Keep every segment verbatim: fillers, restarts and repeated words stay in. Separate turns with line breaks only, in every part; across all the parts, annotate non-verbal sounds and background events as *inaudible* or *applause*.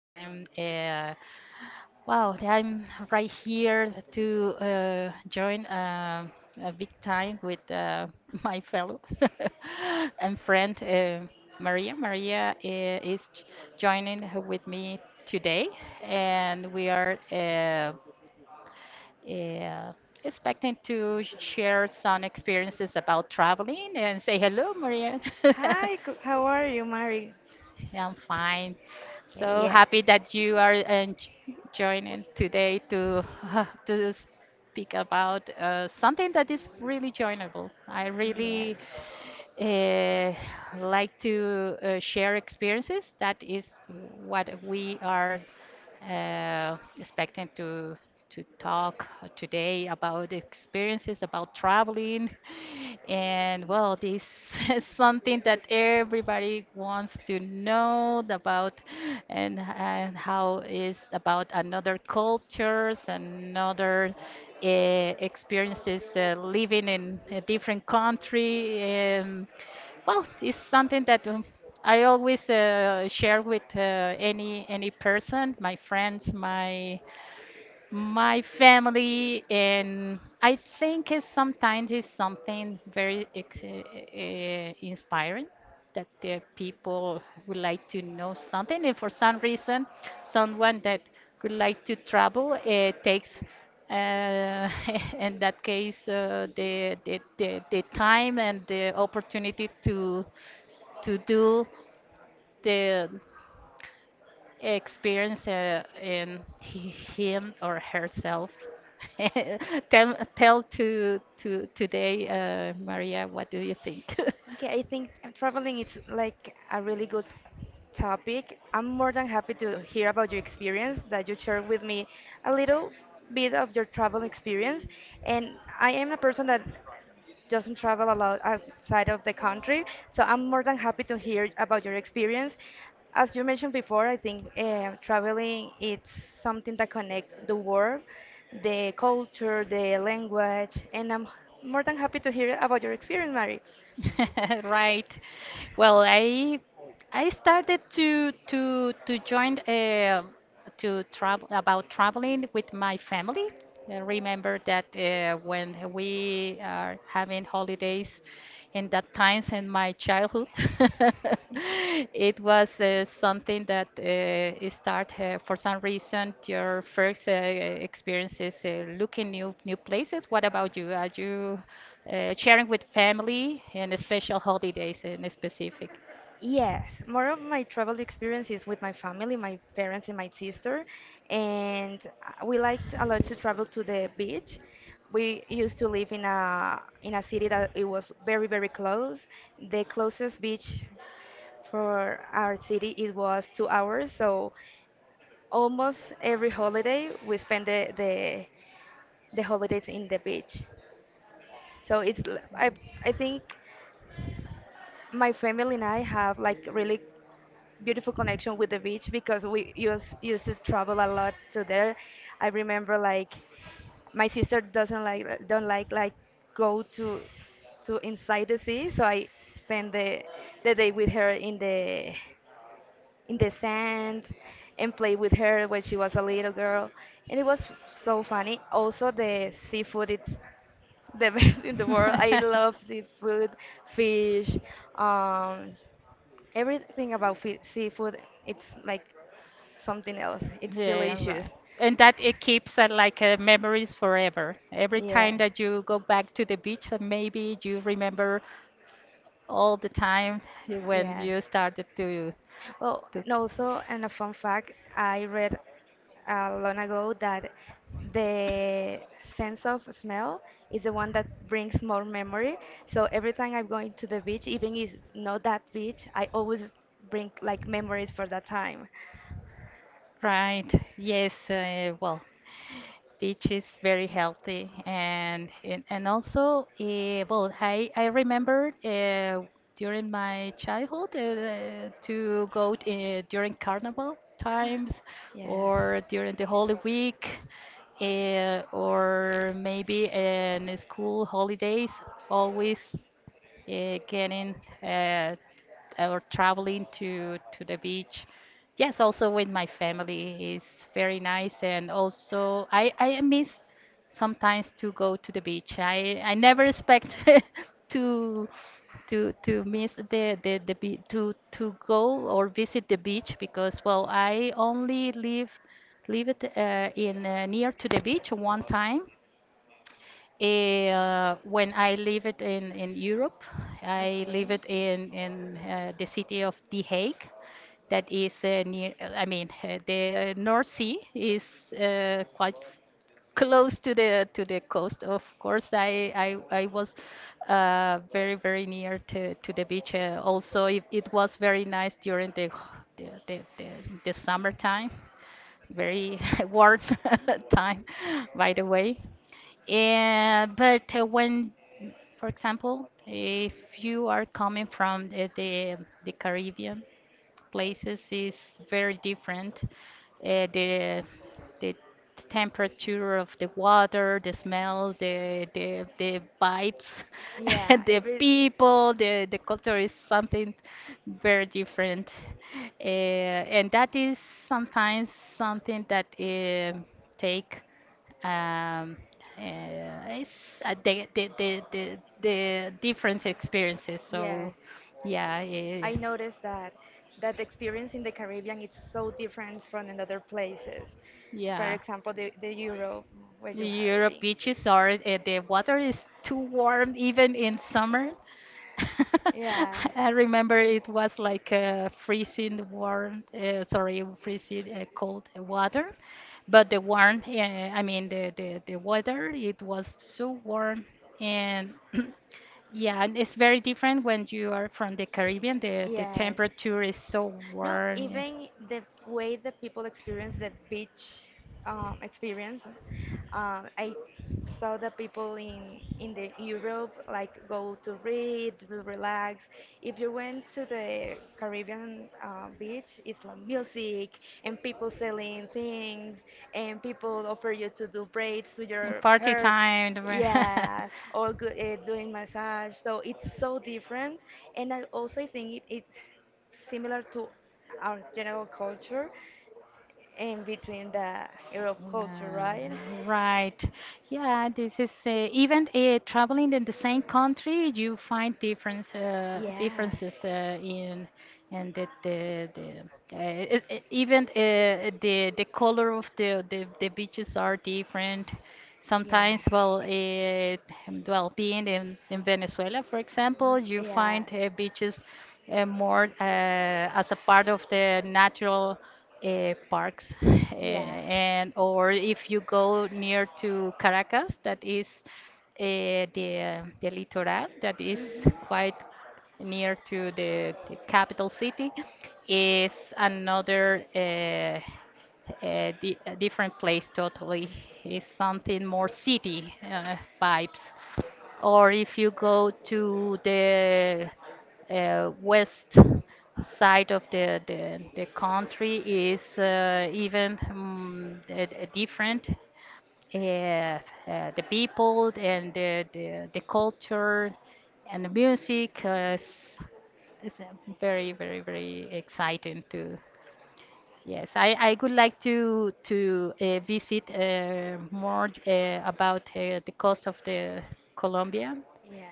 I'm uh, wow, I'm right here to uh, join uh, a big time with uh, *laughs* my fellow *laughs* and friend uh, Maria. Maria uh, is joining with me today, and we are uh, uh, expecting to share some experiences about traveling and say hello, Maria. *laughs*
Hi, co- how are you, Mari?
Yeah, I'm fine.
Okay,
So
yeah,
happy that you are uh, joining today to *laughs* to speak about uh, something that is really joinable. I
yeah.
really uh, like to uh, share experiences. That is what we are uh, expecting to to talk today about experiences about traveling *laughs* and well, this *laughs* is something that everybody wants to know about, and, and how is about another cultures, another uh, experiences uh, living in a different country. Um, well, it's something that, um, I always uh, share with uh, any any person, my friends, my my family, and I think it's sometimes it's something very ex- uh, inspiring, that the people would like to know something, and for some reason, someone that would like to travel uh, takes, uh, *laughs* in that case, uh, the, the the the time and the opportunity to to do the experience uh, in he- him or herself. *laughs* tell tell to to Today, uh, Maria, what do you think? *laughs*
Okay, I think traveling is like a really good topic. I'm more than happy to hear about your experience, that you share with me a little bit of your travel experience. And I am a person that doesn't travel a lot outside of the country, so I'm more than happy to hear about your experience. As you mentioned before, I think uh, traveling it's something that connects the world, the culture, the language, and I'm more than happy to hear about your experience, Mary.
*laughs* Right. Well, I I started to to to join uh, to travel about traveling with my family. I remember that uh, when we are having holidays in that times, and my childhood. *laughs* It was uh, something that uh, start uh, for some reason your first uh, experiences uh, looking new new places. What about you? Are you uh, sharing with family and special holidays in specific?
Yes, more of my travel experience is with my family, my parents and my sister, and uh, we liked a lot to travel to the beach. We used to live in a in a city that it was very, very close. The closest beach for our city it was two hours, so almost every holiday we spend the the, the holidays in the beach. So it's l- I I think my family and I have like really beautiful connection with the beach because we used used to travel a lot to there. I remember like my sister doesn't like don't like like go to to inside the sea, so I spend the the day with her in the in the sand and play with her when she was a little girl, and it was so funny. Also, the seafood it's the *laughs* best in the world. I
*laughs*
love seafood, fish, um, Everything about fi- seafood, it's like something else. It's
Yeah,
delicious.
right. And that it keeps uh, like uh, memories forever. Every time
Yes,
that you go back to the beach, uh, maybe you remember all the time you- when
yes.
you started to
Well,
to.
and also, and a fun fact, I read uh, long ago that the sense of smell is the one that brings more memory. So every time I'm going to the beach, even if not that beach, I always bring like memories for that
like
time.
Right. Yes. Uh, well, peach is very healthy, and and, and also, uh, well, I I remember uh, during my childhood uh, to go uh, during carnival times,
Yes.
or during the Holy Week, uh, or maybe in school holidays. Always uh, getting, uh, or traveling to to the beach. Yes, also with my family is very nice, and also I I miss sometimes to go to the beach. I I never expect *laughs* to to to miss the the the be to to go or visit the beach because well I only lived lived uh, in uh, near to the beach one time uh, when I lived in, in Europe, I
Okay.
lived in, in uh, the city of The Hague, that is uh, near, uh, I mean, uh, the North Sea is uh, quite close to the to the coast. Of course, I I, I was uh, very very near to, to the beach. Uh, also, it, it was very nice during the the, the, the, the summertime, very *laughs* warm *laughs* time, by the way. Yeah, but uh, when, for example, if you are coming from the the, the Caribbean, places is very different. Uh, the the temperature of the water, the smell, the the the vibes,
Yeah,
*laughs* the
every
people, the the culture is something very different, uh, and that is sometimes something that um take um, uh, it's uh, the, the the the the different experiences. So
yes.
yeah. eh,
I noticed that that the experience in the Caribbean is so different from in other places. For
yeah.
example, the, the Europe where
The
you have
Europe
been.
beaches are, uh, the water is too warm even in summer. *laughs*
Yeah.
I remember it was like uh, freezing warm, uh, sorry, freezing uh, cold water, but the warm, uh, I mean the, the the weather, it was so warm and *clears throat* yeah, and it's very different when you are from the Caribbean. The the
Yes.
temperature is so
No,
warm.
even the way that people experience the beach um, experience, um, I saw the people in in the Europe like go to read, to relax. If you went to the Caribbean uh, beach, it's like music and people selling things and people offer you to do braids to your
Party
hair.
time. *laughs* *laughs*
Yeah, or good, uh, doing massage. So it's so different, and I also I think it, it's similar to our general culture, in between the Europe culture,
Uh,
right?
Right. Yeah, this is uh, even uh, traveling in the same country, you find difference uh,
Yes.
differences uh, in and the the, the uh, it, it- even uh, the the color of the, the the beaches are different.
Yeah.
Sometimes, well, uh, well, being in in Venezuela, for example,
Mm,
you
yeah.
find uh, beaches uh, more uh, as a part of the natural uh, parks, uh,
Yes.
and or if you go near to Caracas, that is uh, the the litoral, that is
Mhm.
quite near to the, the capital city, is another uh, a, di- a different place totally, is something more city uh, vibes, or if you go to the uh, west side of the, the, the country is uh, even um, different. Uh, uh, the people and the, the, the culture and the music uh, is, is uh, very, very, very exciting too. Yes, I, I would like to to uh, visit uh, more uh, about uh, the coast of the Colombia,
Yes. Yeah.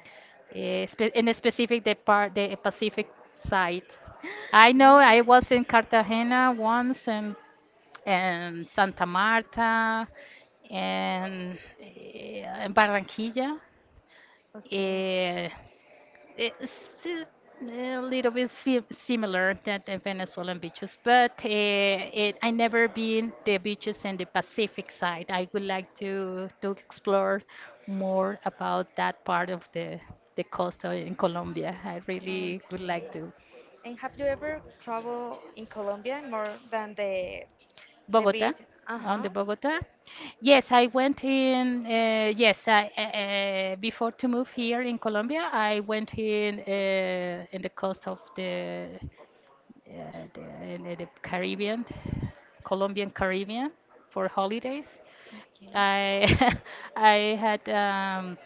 eh, spe- in a specific the part the Pacific side. I know I was in Cartagena once, and and Santa Marta, and, eh, and Barranquilla.
Okay.
Eh, it's a a little bit fi- similar than the Venezuelan beaches, but uh, it, I never been the beaches in the Pacific side. I would like to to explore more about that part of the the coast o- in Colombia. I really would
Okay.
like to.
And have you ever traveled in Colombia more than the the
Bogota,
beach?
on
Uh-huh.
the Bogota. Yes, I went in. Uh, yes, I uh, before to move here in Colombia, I went in uh, in the coast of the uh, the, in the Caribbean, Colombian Caribbean for holidays.
Okay.
I *laughs* I had, um,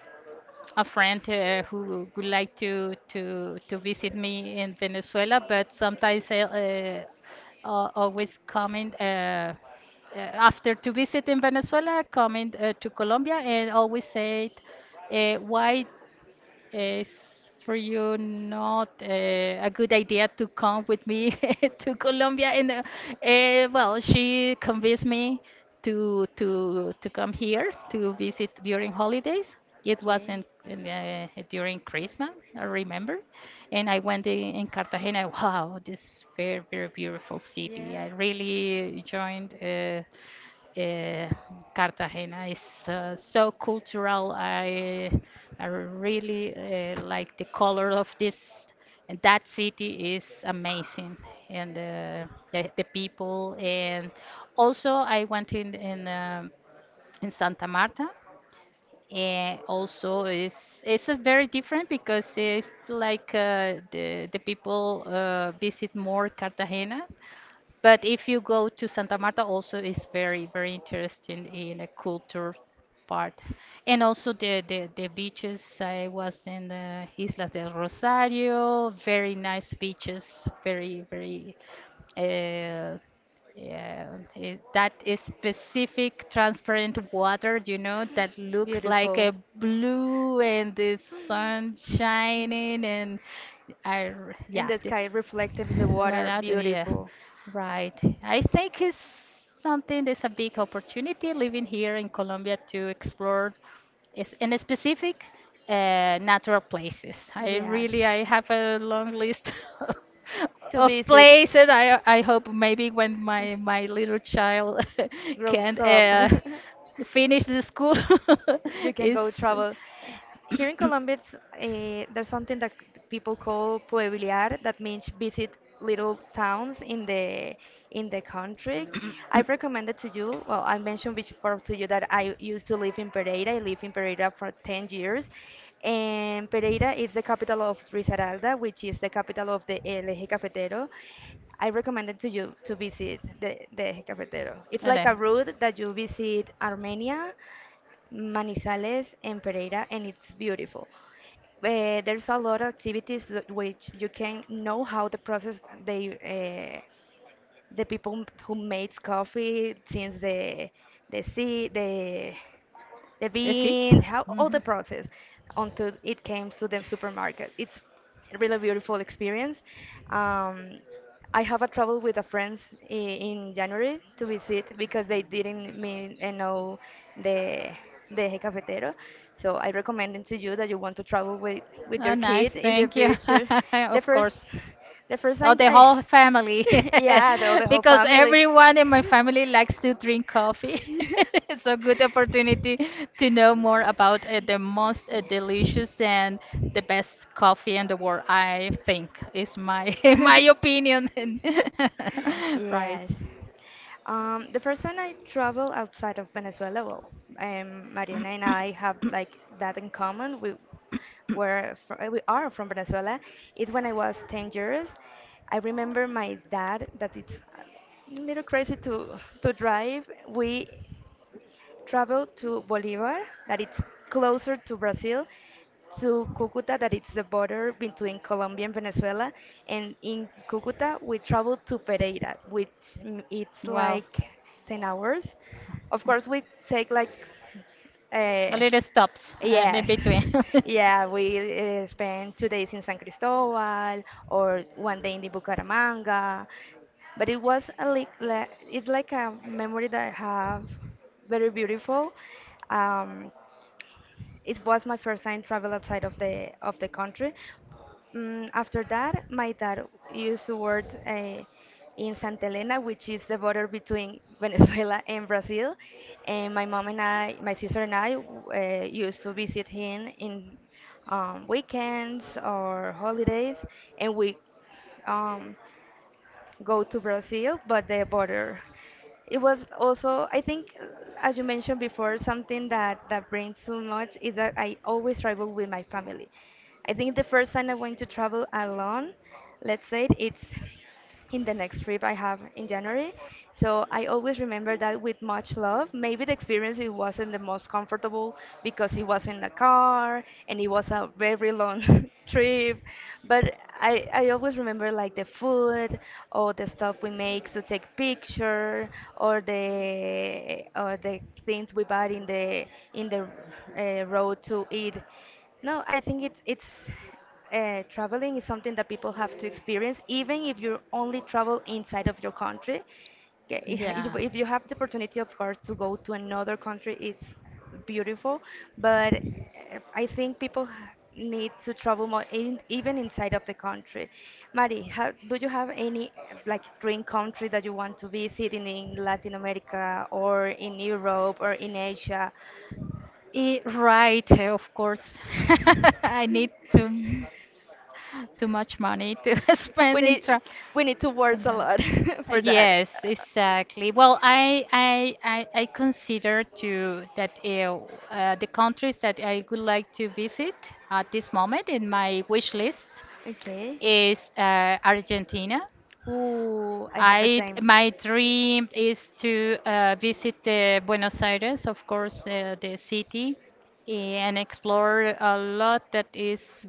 a
*laughs*
friend uh, who would like to to to visit me in Venezuela, but sometimes I, uh, always coming uh, uh, after to visit in Venezuela, coming uh, to Colombia, and always said, uh, "Why is for you not uh, a good idea to come with me *laughs* to Colombia?" And uh, uh, well, she convinced me to to to come here to visit during holidays. It
Okay.
wasn't, uh, during Christmas, I remember. And I went in, in Cartagena. Wow, this very very beautiful city. I
Yeah.
really joined. Uh, uh, Cartagena is uh, so cultural. I I really uh, like the color of this, and that city is amazing, and uh, the the people. And also, I went in in um in Santa Marta, and also it's it's a very different because it's like uh, the the people uh, visit more Cartagena. But if you go to Santa Marta, also it's very very interesting in a culture part, and also the the, the beaches. I was in the Isla del Rosario, very nice beaches, very very uh, yeah, it, that is specific transparent water, you know, that looks like
Beautiful.
a blue and the sun shining, and I, r-
In
yeah,
the
the,
sky, reflected in the
right
water,
out of- yeah,
beautiful.
right. I think it's something that's a big opportunity living here in Colombia to explore, is- in specific uh, natural places. I
Yes.
really I have a long list *laughs*
To
of
visit.
places. I I hope maybe when my
*laughs*
my little child *laughs* can
grows up. *laughs*
uh, finish the school
you
*laughs*
can
is
go travel. Here in Colombia, it's, uh, there's something that c- people call pueblear, that means visit little towns in the in the
*coughs*
country. I've recommended to you, well, I mentioned before to you that I used to live in Pereira. I lived in Pereira for ten years. And Pereira is the capital of Risaralda, which is the capital of the El Eje Cafetero. I recommended to you to visit the, the Eje Cafetero. It's
Ole.
like a route that you visit Armenia, Manizales and Pereira, and it's beautiful. Uh, there's a lot of activities that- which you can know how the process they uh, the people who makes coffee since the the sea the the
That's it.
bean, how all the
Mhm.
process until it came to the supermarket. It's a really beautiful experience. Um, I have a travel with a friends i- in January to visit because they didn't mean and know the the Eje cafetero. So I recommend it to you that you want to travel with with
Oh,
your
nice.
kid in the
Thank you. *laughs*
future. The
Of
first
course.
the first
Oh,
time
the
I
whole family.
*laughs* yeah, the, the
*laughs*
whole
Because
family.
everyone in my family likes to drink coffee. *laughs* It's a
*laughs*
good opportunity to know more about uh, the most uh, delicious and the best coffee in the world, I think, is my *laughs* my opinion. *laughs* Right.
Yes. Um, the first time I traveled outside of Venezuela, well, um, Mariana and I have like that in common. We were fr- uh, we are from Venezuela. It's when I was ten years. I remember my dad that it's a little crazy to to drive. We travel to Bolivar, that it's closer to Brazil, to Cucuta, that it's the border between Colombia and Venezuela, and in Cucuta we travel to Pereira, which mm, it's
Wow.
like ten hours. Of course, we take like
A
uh,
little stops and in
yes.
between.
*laughs*
*laughs*
Yeah, we uh, spend two days in San Cristobal or one day in the Bucaramanga but it was a like, like it's like a memory that I have very beautiful. Um, it was my first time travel outside of the of the country. Mm, after that, my dad used to work uh, in Santa Elena, which is the border between *laughs* Venezuela and Brazil. And my mom and I, my sister and I, w- uh, used to visit him in um, weekends or holidays, and we um, go to Brazil, but the border. It was also, I think, uh, as you mentioned before, something that that brings so much is that I always travel with my family. I think the first time I'm going to travel alone, let's say it's in the next trip I have in January. So I always remember that with much love. Maybe the experience it wasn't the most comfortable because it was in the car and it was a very long *laughs* trip. But I, I always remember like the food or the stuff we make to take picture or the or the things we buy in the in the uh, road to eat. No, I think it's it's uh, traveling is something that people have to experience, even if you only travel inside of your country. Ge- *laughs* If you
Yeah.
if you have the opportunity, of course, to go to another country, it's beautiful. But uh, I think people ha- need to travel more, in, even inside of the country. Mari, how, do you have any uh, like dream country that you want to visit in, in Latin America or in Europe or in Asia?
Eh, right, eh, of course. *laughs* I need to. Too much money to *laughs*
We
spend in
need
tra,
we need to work
spend
a
on *laughs*
lot *laughs* for that.
yes, exactly. Well, I I I, I consider to that uh, uh, the countries that I would like to visit at this moment in my wish list
Okay.
is uh, Argentina.
Ooh, I have the
I
same.
My dream is to uh, visit the Buenos Aires, of course, uh, the city, and explore a lot that is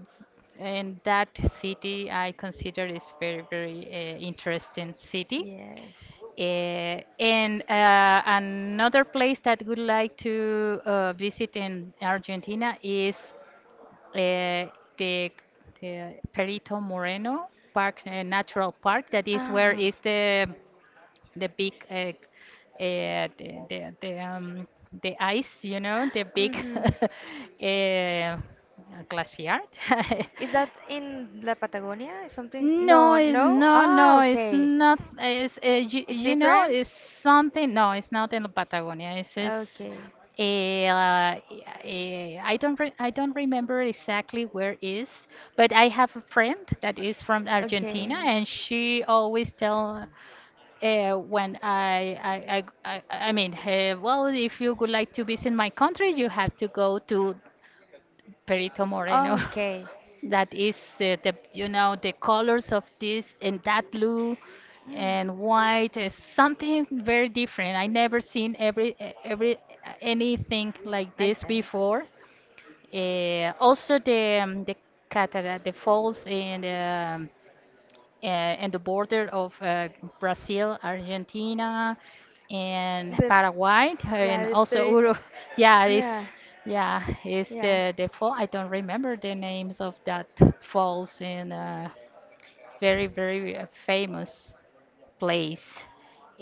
in that city. I consider is very very uh, interesting city.
Yes.
Uh, and uh, Another place that would like to uh, visit in Argentina is uh, the, the Perito Moreno Park, uh, Natural Park. That is where
Ah.
is the the big uh, uh, the the the, um, the ice, you know, the big
Hmm.
*laughs* uh, glacier. *laughs*
Is that in La Patagonia? Something?
No,
No,
it's
no?
no,
Ah,
no, it's
okay.
not. It's uh, you,
It's
you know,
different?
it's something. No, it's not in Patagonia. It's just.
Okay.
eh, Uh, eh, I don't re, I don't remember exactly where is, but I have a friend that is from
Okay.
Argentina, and she always tell uh, when I, I, I, I, I mean, uh, well, if you would like to visit my country, you have to go to Perito Moreno. *laughs*
Okay,
That is uh, the, you know, the colors of this and that blue and white is something very different. I never seen every, e- every, anything like
like
this
that.
before. Uh, also the, um, the cataract, the falls, and um, uh, and the border of uh, Brazil, Argentina, and
The
Paraguay,
Yeah,
and
the
also
three.
Uruguay. *laughs* Yeah,
Yeah,
it's yeah, it's
yeah.
the the fall. I don't remember the names of that falls in a very very uh, famous place.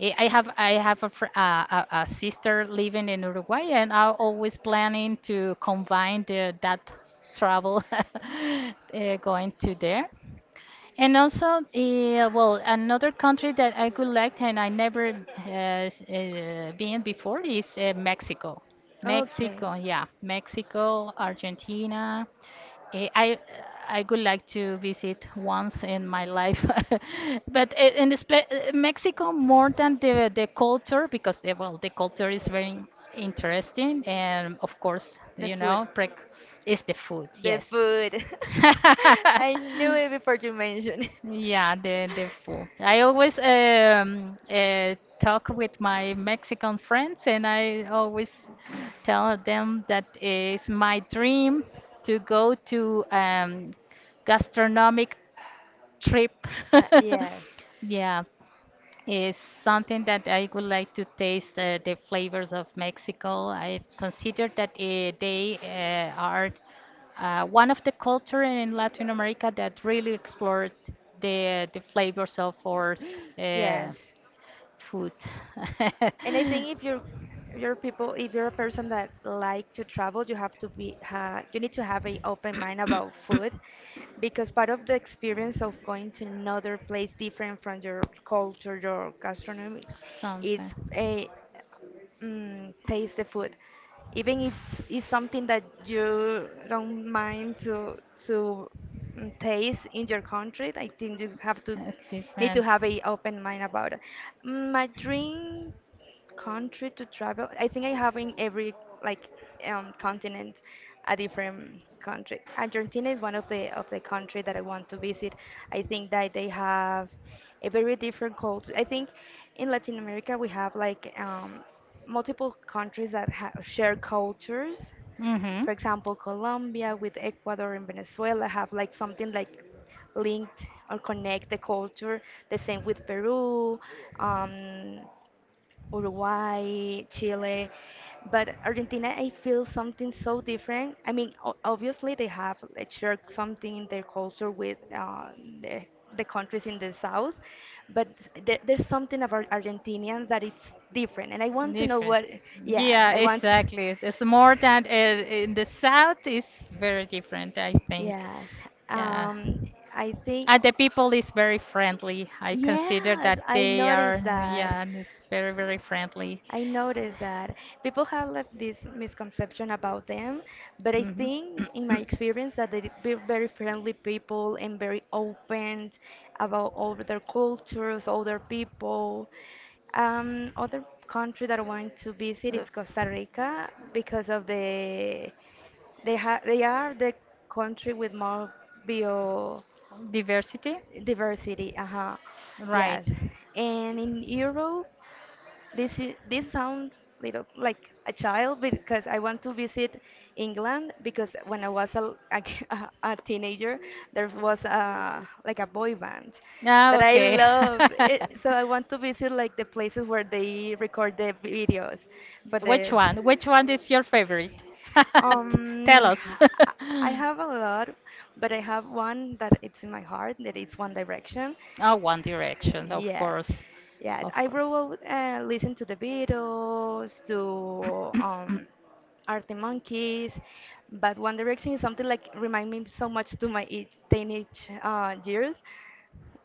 I I have I have a, fr- uh, a a sister living in Uruguay, and I'm always planning to combine the, that travel *laughs* uh, going to there. And also, uh, well, another country that I would like and I never uh, s- uh, been before is uh, Mexico.
Okay.
Mexico, yeah, Mexico, Argentina. Eh, I I would like to visit once in my life, *laughs* but eh, in the spe- eh, Mexico more than the the culture because eh, well the culture is very interesting and of course
The
you
food.
know prec- is the food,
The
yes.
food. *laughs*
*laughs*
I knew it before you mentioned it.
Yeah, the the food. I always um uh, talk with my Mexican friends, and I always tell them that it's my dream to go to um gastronomic trip.
Uh,
*laughs*
yes. *laughs*
Yeah, is something that I would like to taste uh, the flavors of Mexico. I consider that uh, they uh, are uh, one of the culture in Latin America that really explored the the flavors of our uh,
Yes.
food.
And I think if you're you're people if you're a person that like to travel, you have to be ha you need to have an open mind about food because part of the experience of going to another place different from your culture, your gastronomy,
*laughs*
is
Something.
a mm, taste the food. Even if it's it's something that you don't mind to to mm, taste in your country, I think you have to
That's
need to
different.
have a open mind about it. My drink country to travel. I think I have in every like um, continent a different country. Argentina is one of the of the country that I want to visit. I think that they have a very different culture. I think in Latin America we have like um, multiple countries that ha share cultures.
Mm-hmm.
For example, Colombia with Ecuador and Venezuela have like something like linked or connect the culture. The same with Peru. Um, Uruguay, Chile, but Argentina, I feel something so different. I mean, o- obviously they have like, shared something in their culture with uh, the, the countries in the south, but there, there's something about Argentinians that it's different, and I want to know
Different.
what. Yeah,
Yeah,
I want.
exactly. It's more than uh, in the south is very different, I think.
Yes.
Yeah.
Um, I think.
And the people is very friendly. I consider
Yes,
that
I
they are,
noticed that.
yeah, and it's very, very friendly.
I noticed that people have left this misconception about them, but I
Hmm
think
*clears throat*
in my
*coughs*
experience that they be very friendly people and very open about all their cultures, other people. Um, other country that I want to visit
Uh,
is Costa Rica because of the they ha they are the country with more biodiversity.
Diversity?
Uh-huh.
Right.
Yes. And in Europe, this i- this sounds little like a child because I want to visit England because when I was a, l- a, k- *laughs* a- a teenager there was a like a boy band
Ah,
that I
okay.
love it, so I want to visit like the places where they record the videos for
*laughs* Which
the
one? Which one is your favorite? *laughs* Tell
um
us. *laughs*
*laughs* I I have a lot but I have one that it's in my heart that it's One Direction
Oh, One
*laughs*
Direction, of
Yes,
course.
yes.
Of
I grew
course.
up uh, listening to the Beatles, to um, Arctic Monkeys, but One Direction is something like remind me so much to my e- teenage uh, years.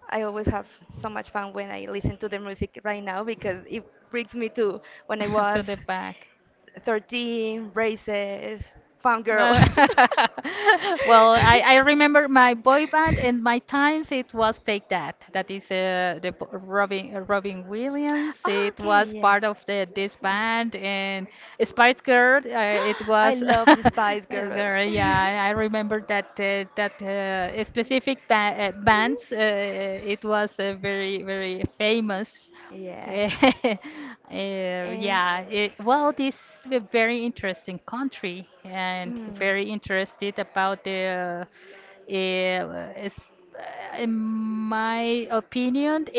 I always have so much
*coughs*
fun when I listen to the music right now because it brings me to when I
*laughs* To
was
the back.
thirteen, braces, farm girl.
Uh, *laughs* well, I, I remember my boy band and my times. It was Take That. That is uh, the b- Robin uh, Robin Williams.
*laughs* Oh,
It
okay,
was
yeah. *gasps*
part of the this band and Spice Girl. Uh, it
I
was *laughs*
love
uh,
the Spice Girl.
girl.
*laughs*
Yeah, I remember that uh, that uh, specific ba uh, bands. Uh, it was uh, very very famous.
Yeah.
Eh, *laughs* eh,
And
yeah, it, well, this is a very interesting country and
mm,
very interested about the, uh, is, uh, in my opinion, uh,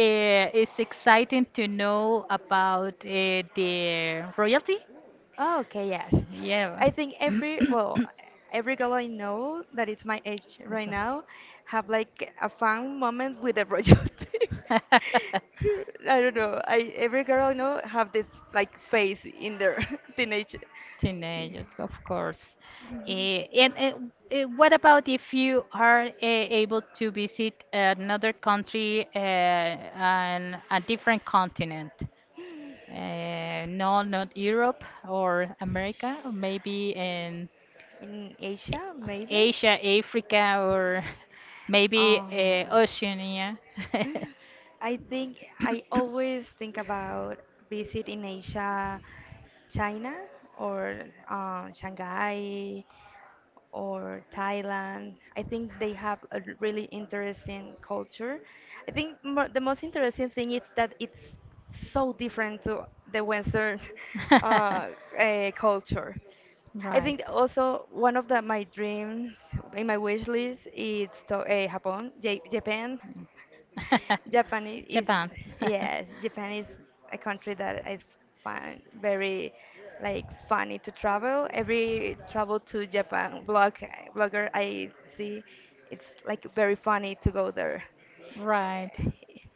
it's exciting to know about uh, the royalty.
Oh, okay, yes.
Yeah.
I think every,
*clears throat*
well, every girl I know that it's my age
What's
right now have like a fun moment with a royalty.
that?
*laughs* I don't know. I Every girl I know have this like
*laughs*
phase in their *laughs* teenage
Teenagers, of course. Eh, and eh, eh, what about if you are eh, able to visit another country uh, and a different continent? Uh, no, not Europe or America, or maybe in
in Asia maybe.
Asia, Africa, or *laughs* maybe
Um,
uh, Oceania.
I think I always think about visit in Asia, China or um, Shanghai or Thailand. I think they have a r- really interesting culture. I think mo the most interesting thing is that it's so different
*laughs*
to the Western *laughs* uh,
*laughs*
uh, culture. I think
right.
also one of the, my dreams in my wish list is to, uh, Japan, Ja- Japan.
Mm.
Japan i-
*laughs*
is
Japan. *laughs*
yes, Japan is a country that I find very like funny to travel. Every travel to Japan blog blogger I see, it's like very funny to go there.
right.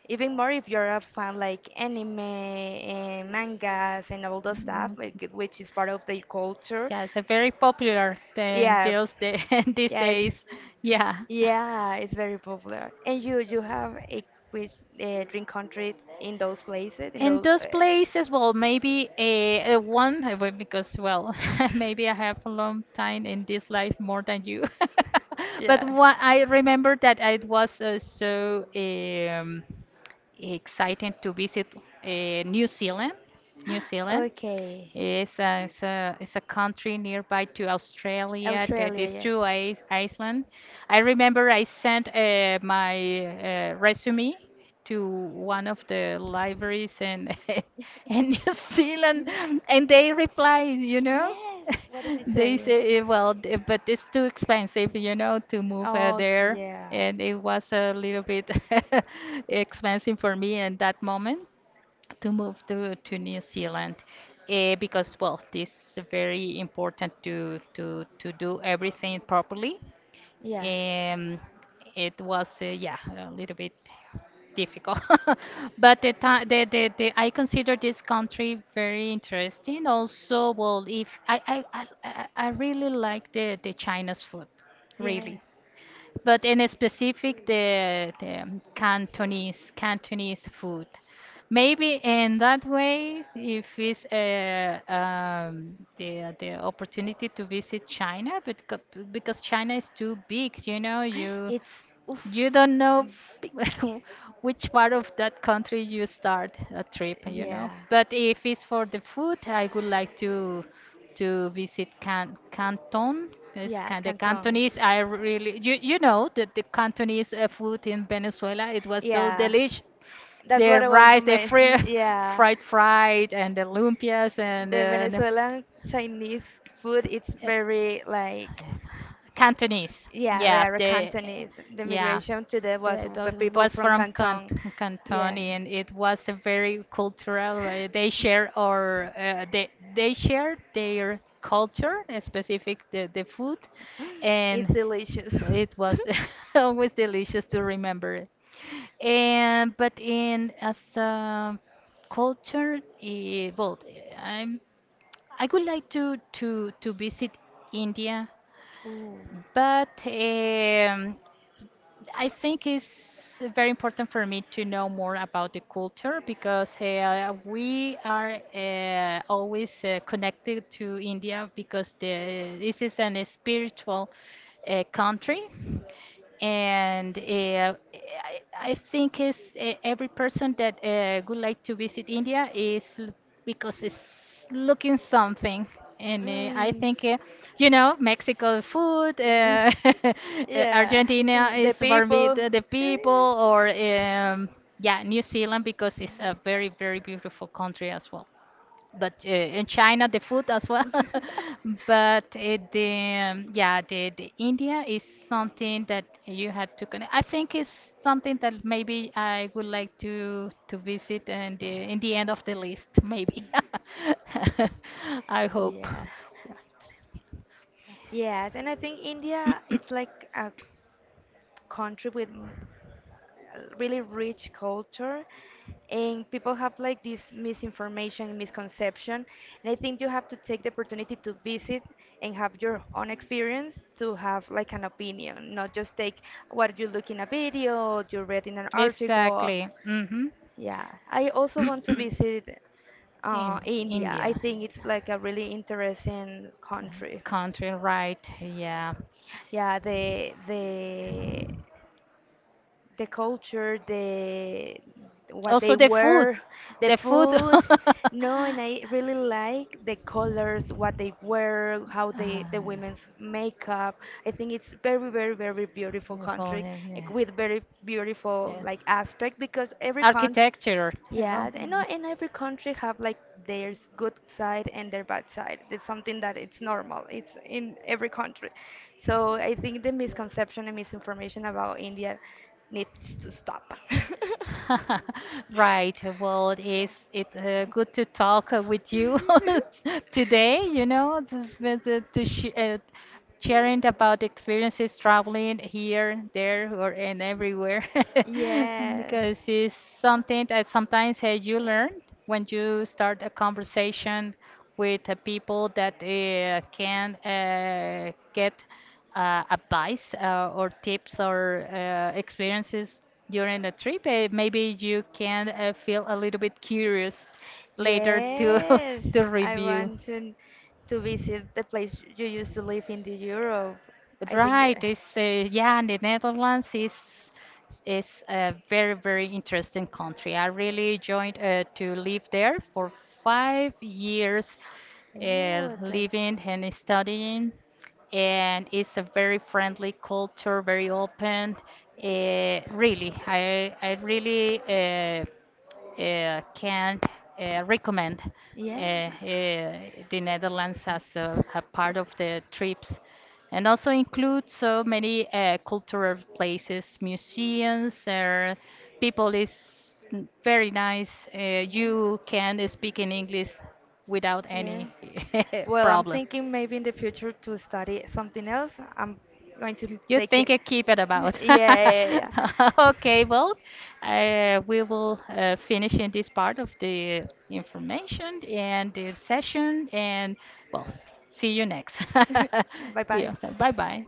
Even more if you're a fan like anime and mangas and all those stuff,
Right.
like, which is part of their culture.
Yeah, it's a very popular thing
Yeah,
those day, *laughs* these
yeah, it's,
days. Yeah.
yeah, it's very popular. And you you have a quiz uh, drink country in those places, in
And
those
those
uh,
places, well, maybe a, a one I will- because well, *laughs* maybe I have a long time in this life more than you. *laughs* But
yeah.
what I remember that it was uh, so um, exciting to visit uh, New Zealand, New
*gasps*
Zealand,
Okay.
it's a, it's a, it's a country nearby to Australia, to these
Australia,
two is- island. I remember I sent uh, my uh, resume to one of the libraries in, *laughs*
yeah.
in
*laughs*
New
You
Zealand,
know?
and they replied, you know,
Yes. What did it
*laughs* they
say?
say, "Eh, well, d- but it's too expensive, you know, to move uh,
Okay.
there.
Yeah. *laughs*
And it was a little bit *laughs* expensive for me in that moment to move to, to New Zealand uh, because, well, this is very important to, to, to do everything properly.
Yes.
Um, it was, uh, yeah, a little bit difficult, *laughs* but the, ti- the, the, the I consider this country very interesting. Also, well, if I, I, I, I I really like the, the China's food,
Yes.
really but in specific the, the Cantonese Cantonese food. Maybe in that way, if it's uh, um, the the opportunity to visit China, but co- because China is too big, you know, you
It's oof,
you don't know
big.
f- *laughs* which part of that country you start a trip, you know.
Yeah.
But if it's for the food, I would like to to visit Can Canton. It's
Yeah, it's
kind the
Canton.
Cantonese. I really you you know that the Cantonese uh, food in Venezuela it was so
Yeah.
delicious.
That's
The
what I want to
rice, the
make.
fri
*laughs*
*laughs*
Yeah.
fried fried, and the lumpias and
The
uh, the,
Venezuelan Chinese food, it's
uh,
very like,
Cantonese.
yeah, they
Yeah,
are
the
Cantonese. The
yeah.
migration to there was
That
the
was
people
was
from
from Cant
Canton.
Canton,
Yeah,
and it was a very cultural. uh, They share or uh, they they share their culture, uh, specific the, the food,
*gasps*
and
it's delicious.
so
*laughs*
it was *laughs* always delicious to remember it. And but in as a culture, eh, well, I'm I would like to to to visit India,
Ooh.
but um, I think it's very important for me to know more about the culture because hey, uh, we are uh, always uh, connected to India because the, this is an spiritual uh, country. And uh, I, I think it's, uh, every person that uh, would like to visit India is l- because it's looking something. And uh, I
Mm.
think, uh, you know, Mexico food, uh, *laughs* uh,
*laughs* Yeah,
Argentina
entiendo. The
is for me
people.
the, the
Eh,
people, or um, yeah, New Zealand because it's a very, very beautiful country as well but uh, in China the food as well. *laughs*
*laughs*
But uh, the um, yeah the, the India is something that you had to connect. I think it's something that maybe I would like to to visit and the, in the end of the list maybe. *laughs* I hope.
Yeah. Yes, and I think India, it's like a country with m- really rich culture and people have like this misinformation misconception and I think you have to take the opportunity to visit and have your own experience to have like an opinion not just take what you look in a video you read in an article
Exactly. Mm-hmm.
yeah I also want to visit uh,
In
India. I
India.
think it's like a really interesting country.
Country, right? Yeah.
Yeah, the the the culture, the what
Also
they
the food.
wear, the
The food.
food. No, and I really like the colors, what
*laughs*
they wear, how they the
Uh,
women's makeup. I think it's very, very, very beautiful
beautiful.
country
Yeah,
eh,
yeah.
with very beautiful
yeah.
like aspect because every country.
Architecture. Oh,
Yes, and
mm.
not in every country have like their s- good side and their bad side. It's something that it's normal. It's in every country. So I think the misconception and misinformation about India needs to stop. *laughs*
*laughs* Right. Well, it is it uh, good to talk uh, with you *laughs* today, you know, just with the, to sh uh, sharing about experiences traveling here, there, or and everywhere *laughs*
Yes.
because it's something that sometimes uh, you learn when you start a conversation with uh, people that uh, can uh, get uh, advice uh, or tips or uh, experiences during the trip, uh, maybe you can uh, feel a little bit curious later to *laughs*
Yes,
to
I
review.
want to to visit the place you used to live in the Europe. I think
Right,
yeah.
it's uh, yeah, the Netherlands is is a very very interesting country. I really joined uh, to live there for five years, uh,
Ooh, that,
living and studying, and it's a very friendly culture, very open. Uh, really, I I really uh, uh, can't uh, recommend uh,
yeah.
uh, the Netherlands as a, a part of the trips, and also include so many uh, cultural places, museums, or people is n- very nice. Uh, you
Yeah.
can speak in English without
Yeah.
any *laughs*
Well, I'm
problem.
thinking maybe in the future to study something else. I'm going to
You
take
think
it.
I keep it
*laughs*
about.
Yeah, yeah,
*laughs*
yeah.
Okay, well, uh, we will uh, finish in this part of the information and the session, and well, see you next.
Yeah. *laughs* Bye
*laughs* We
bye.
also, bye bye.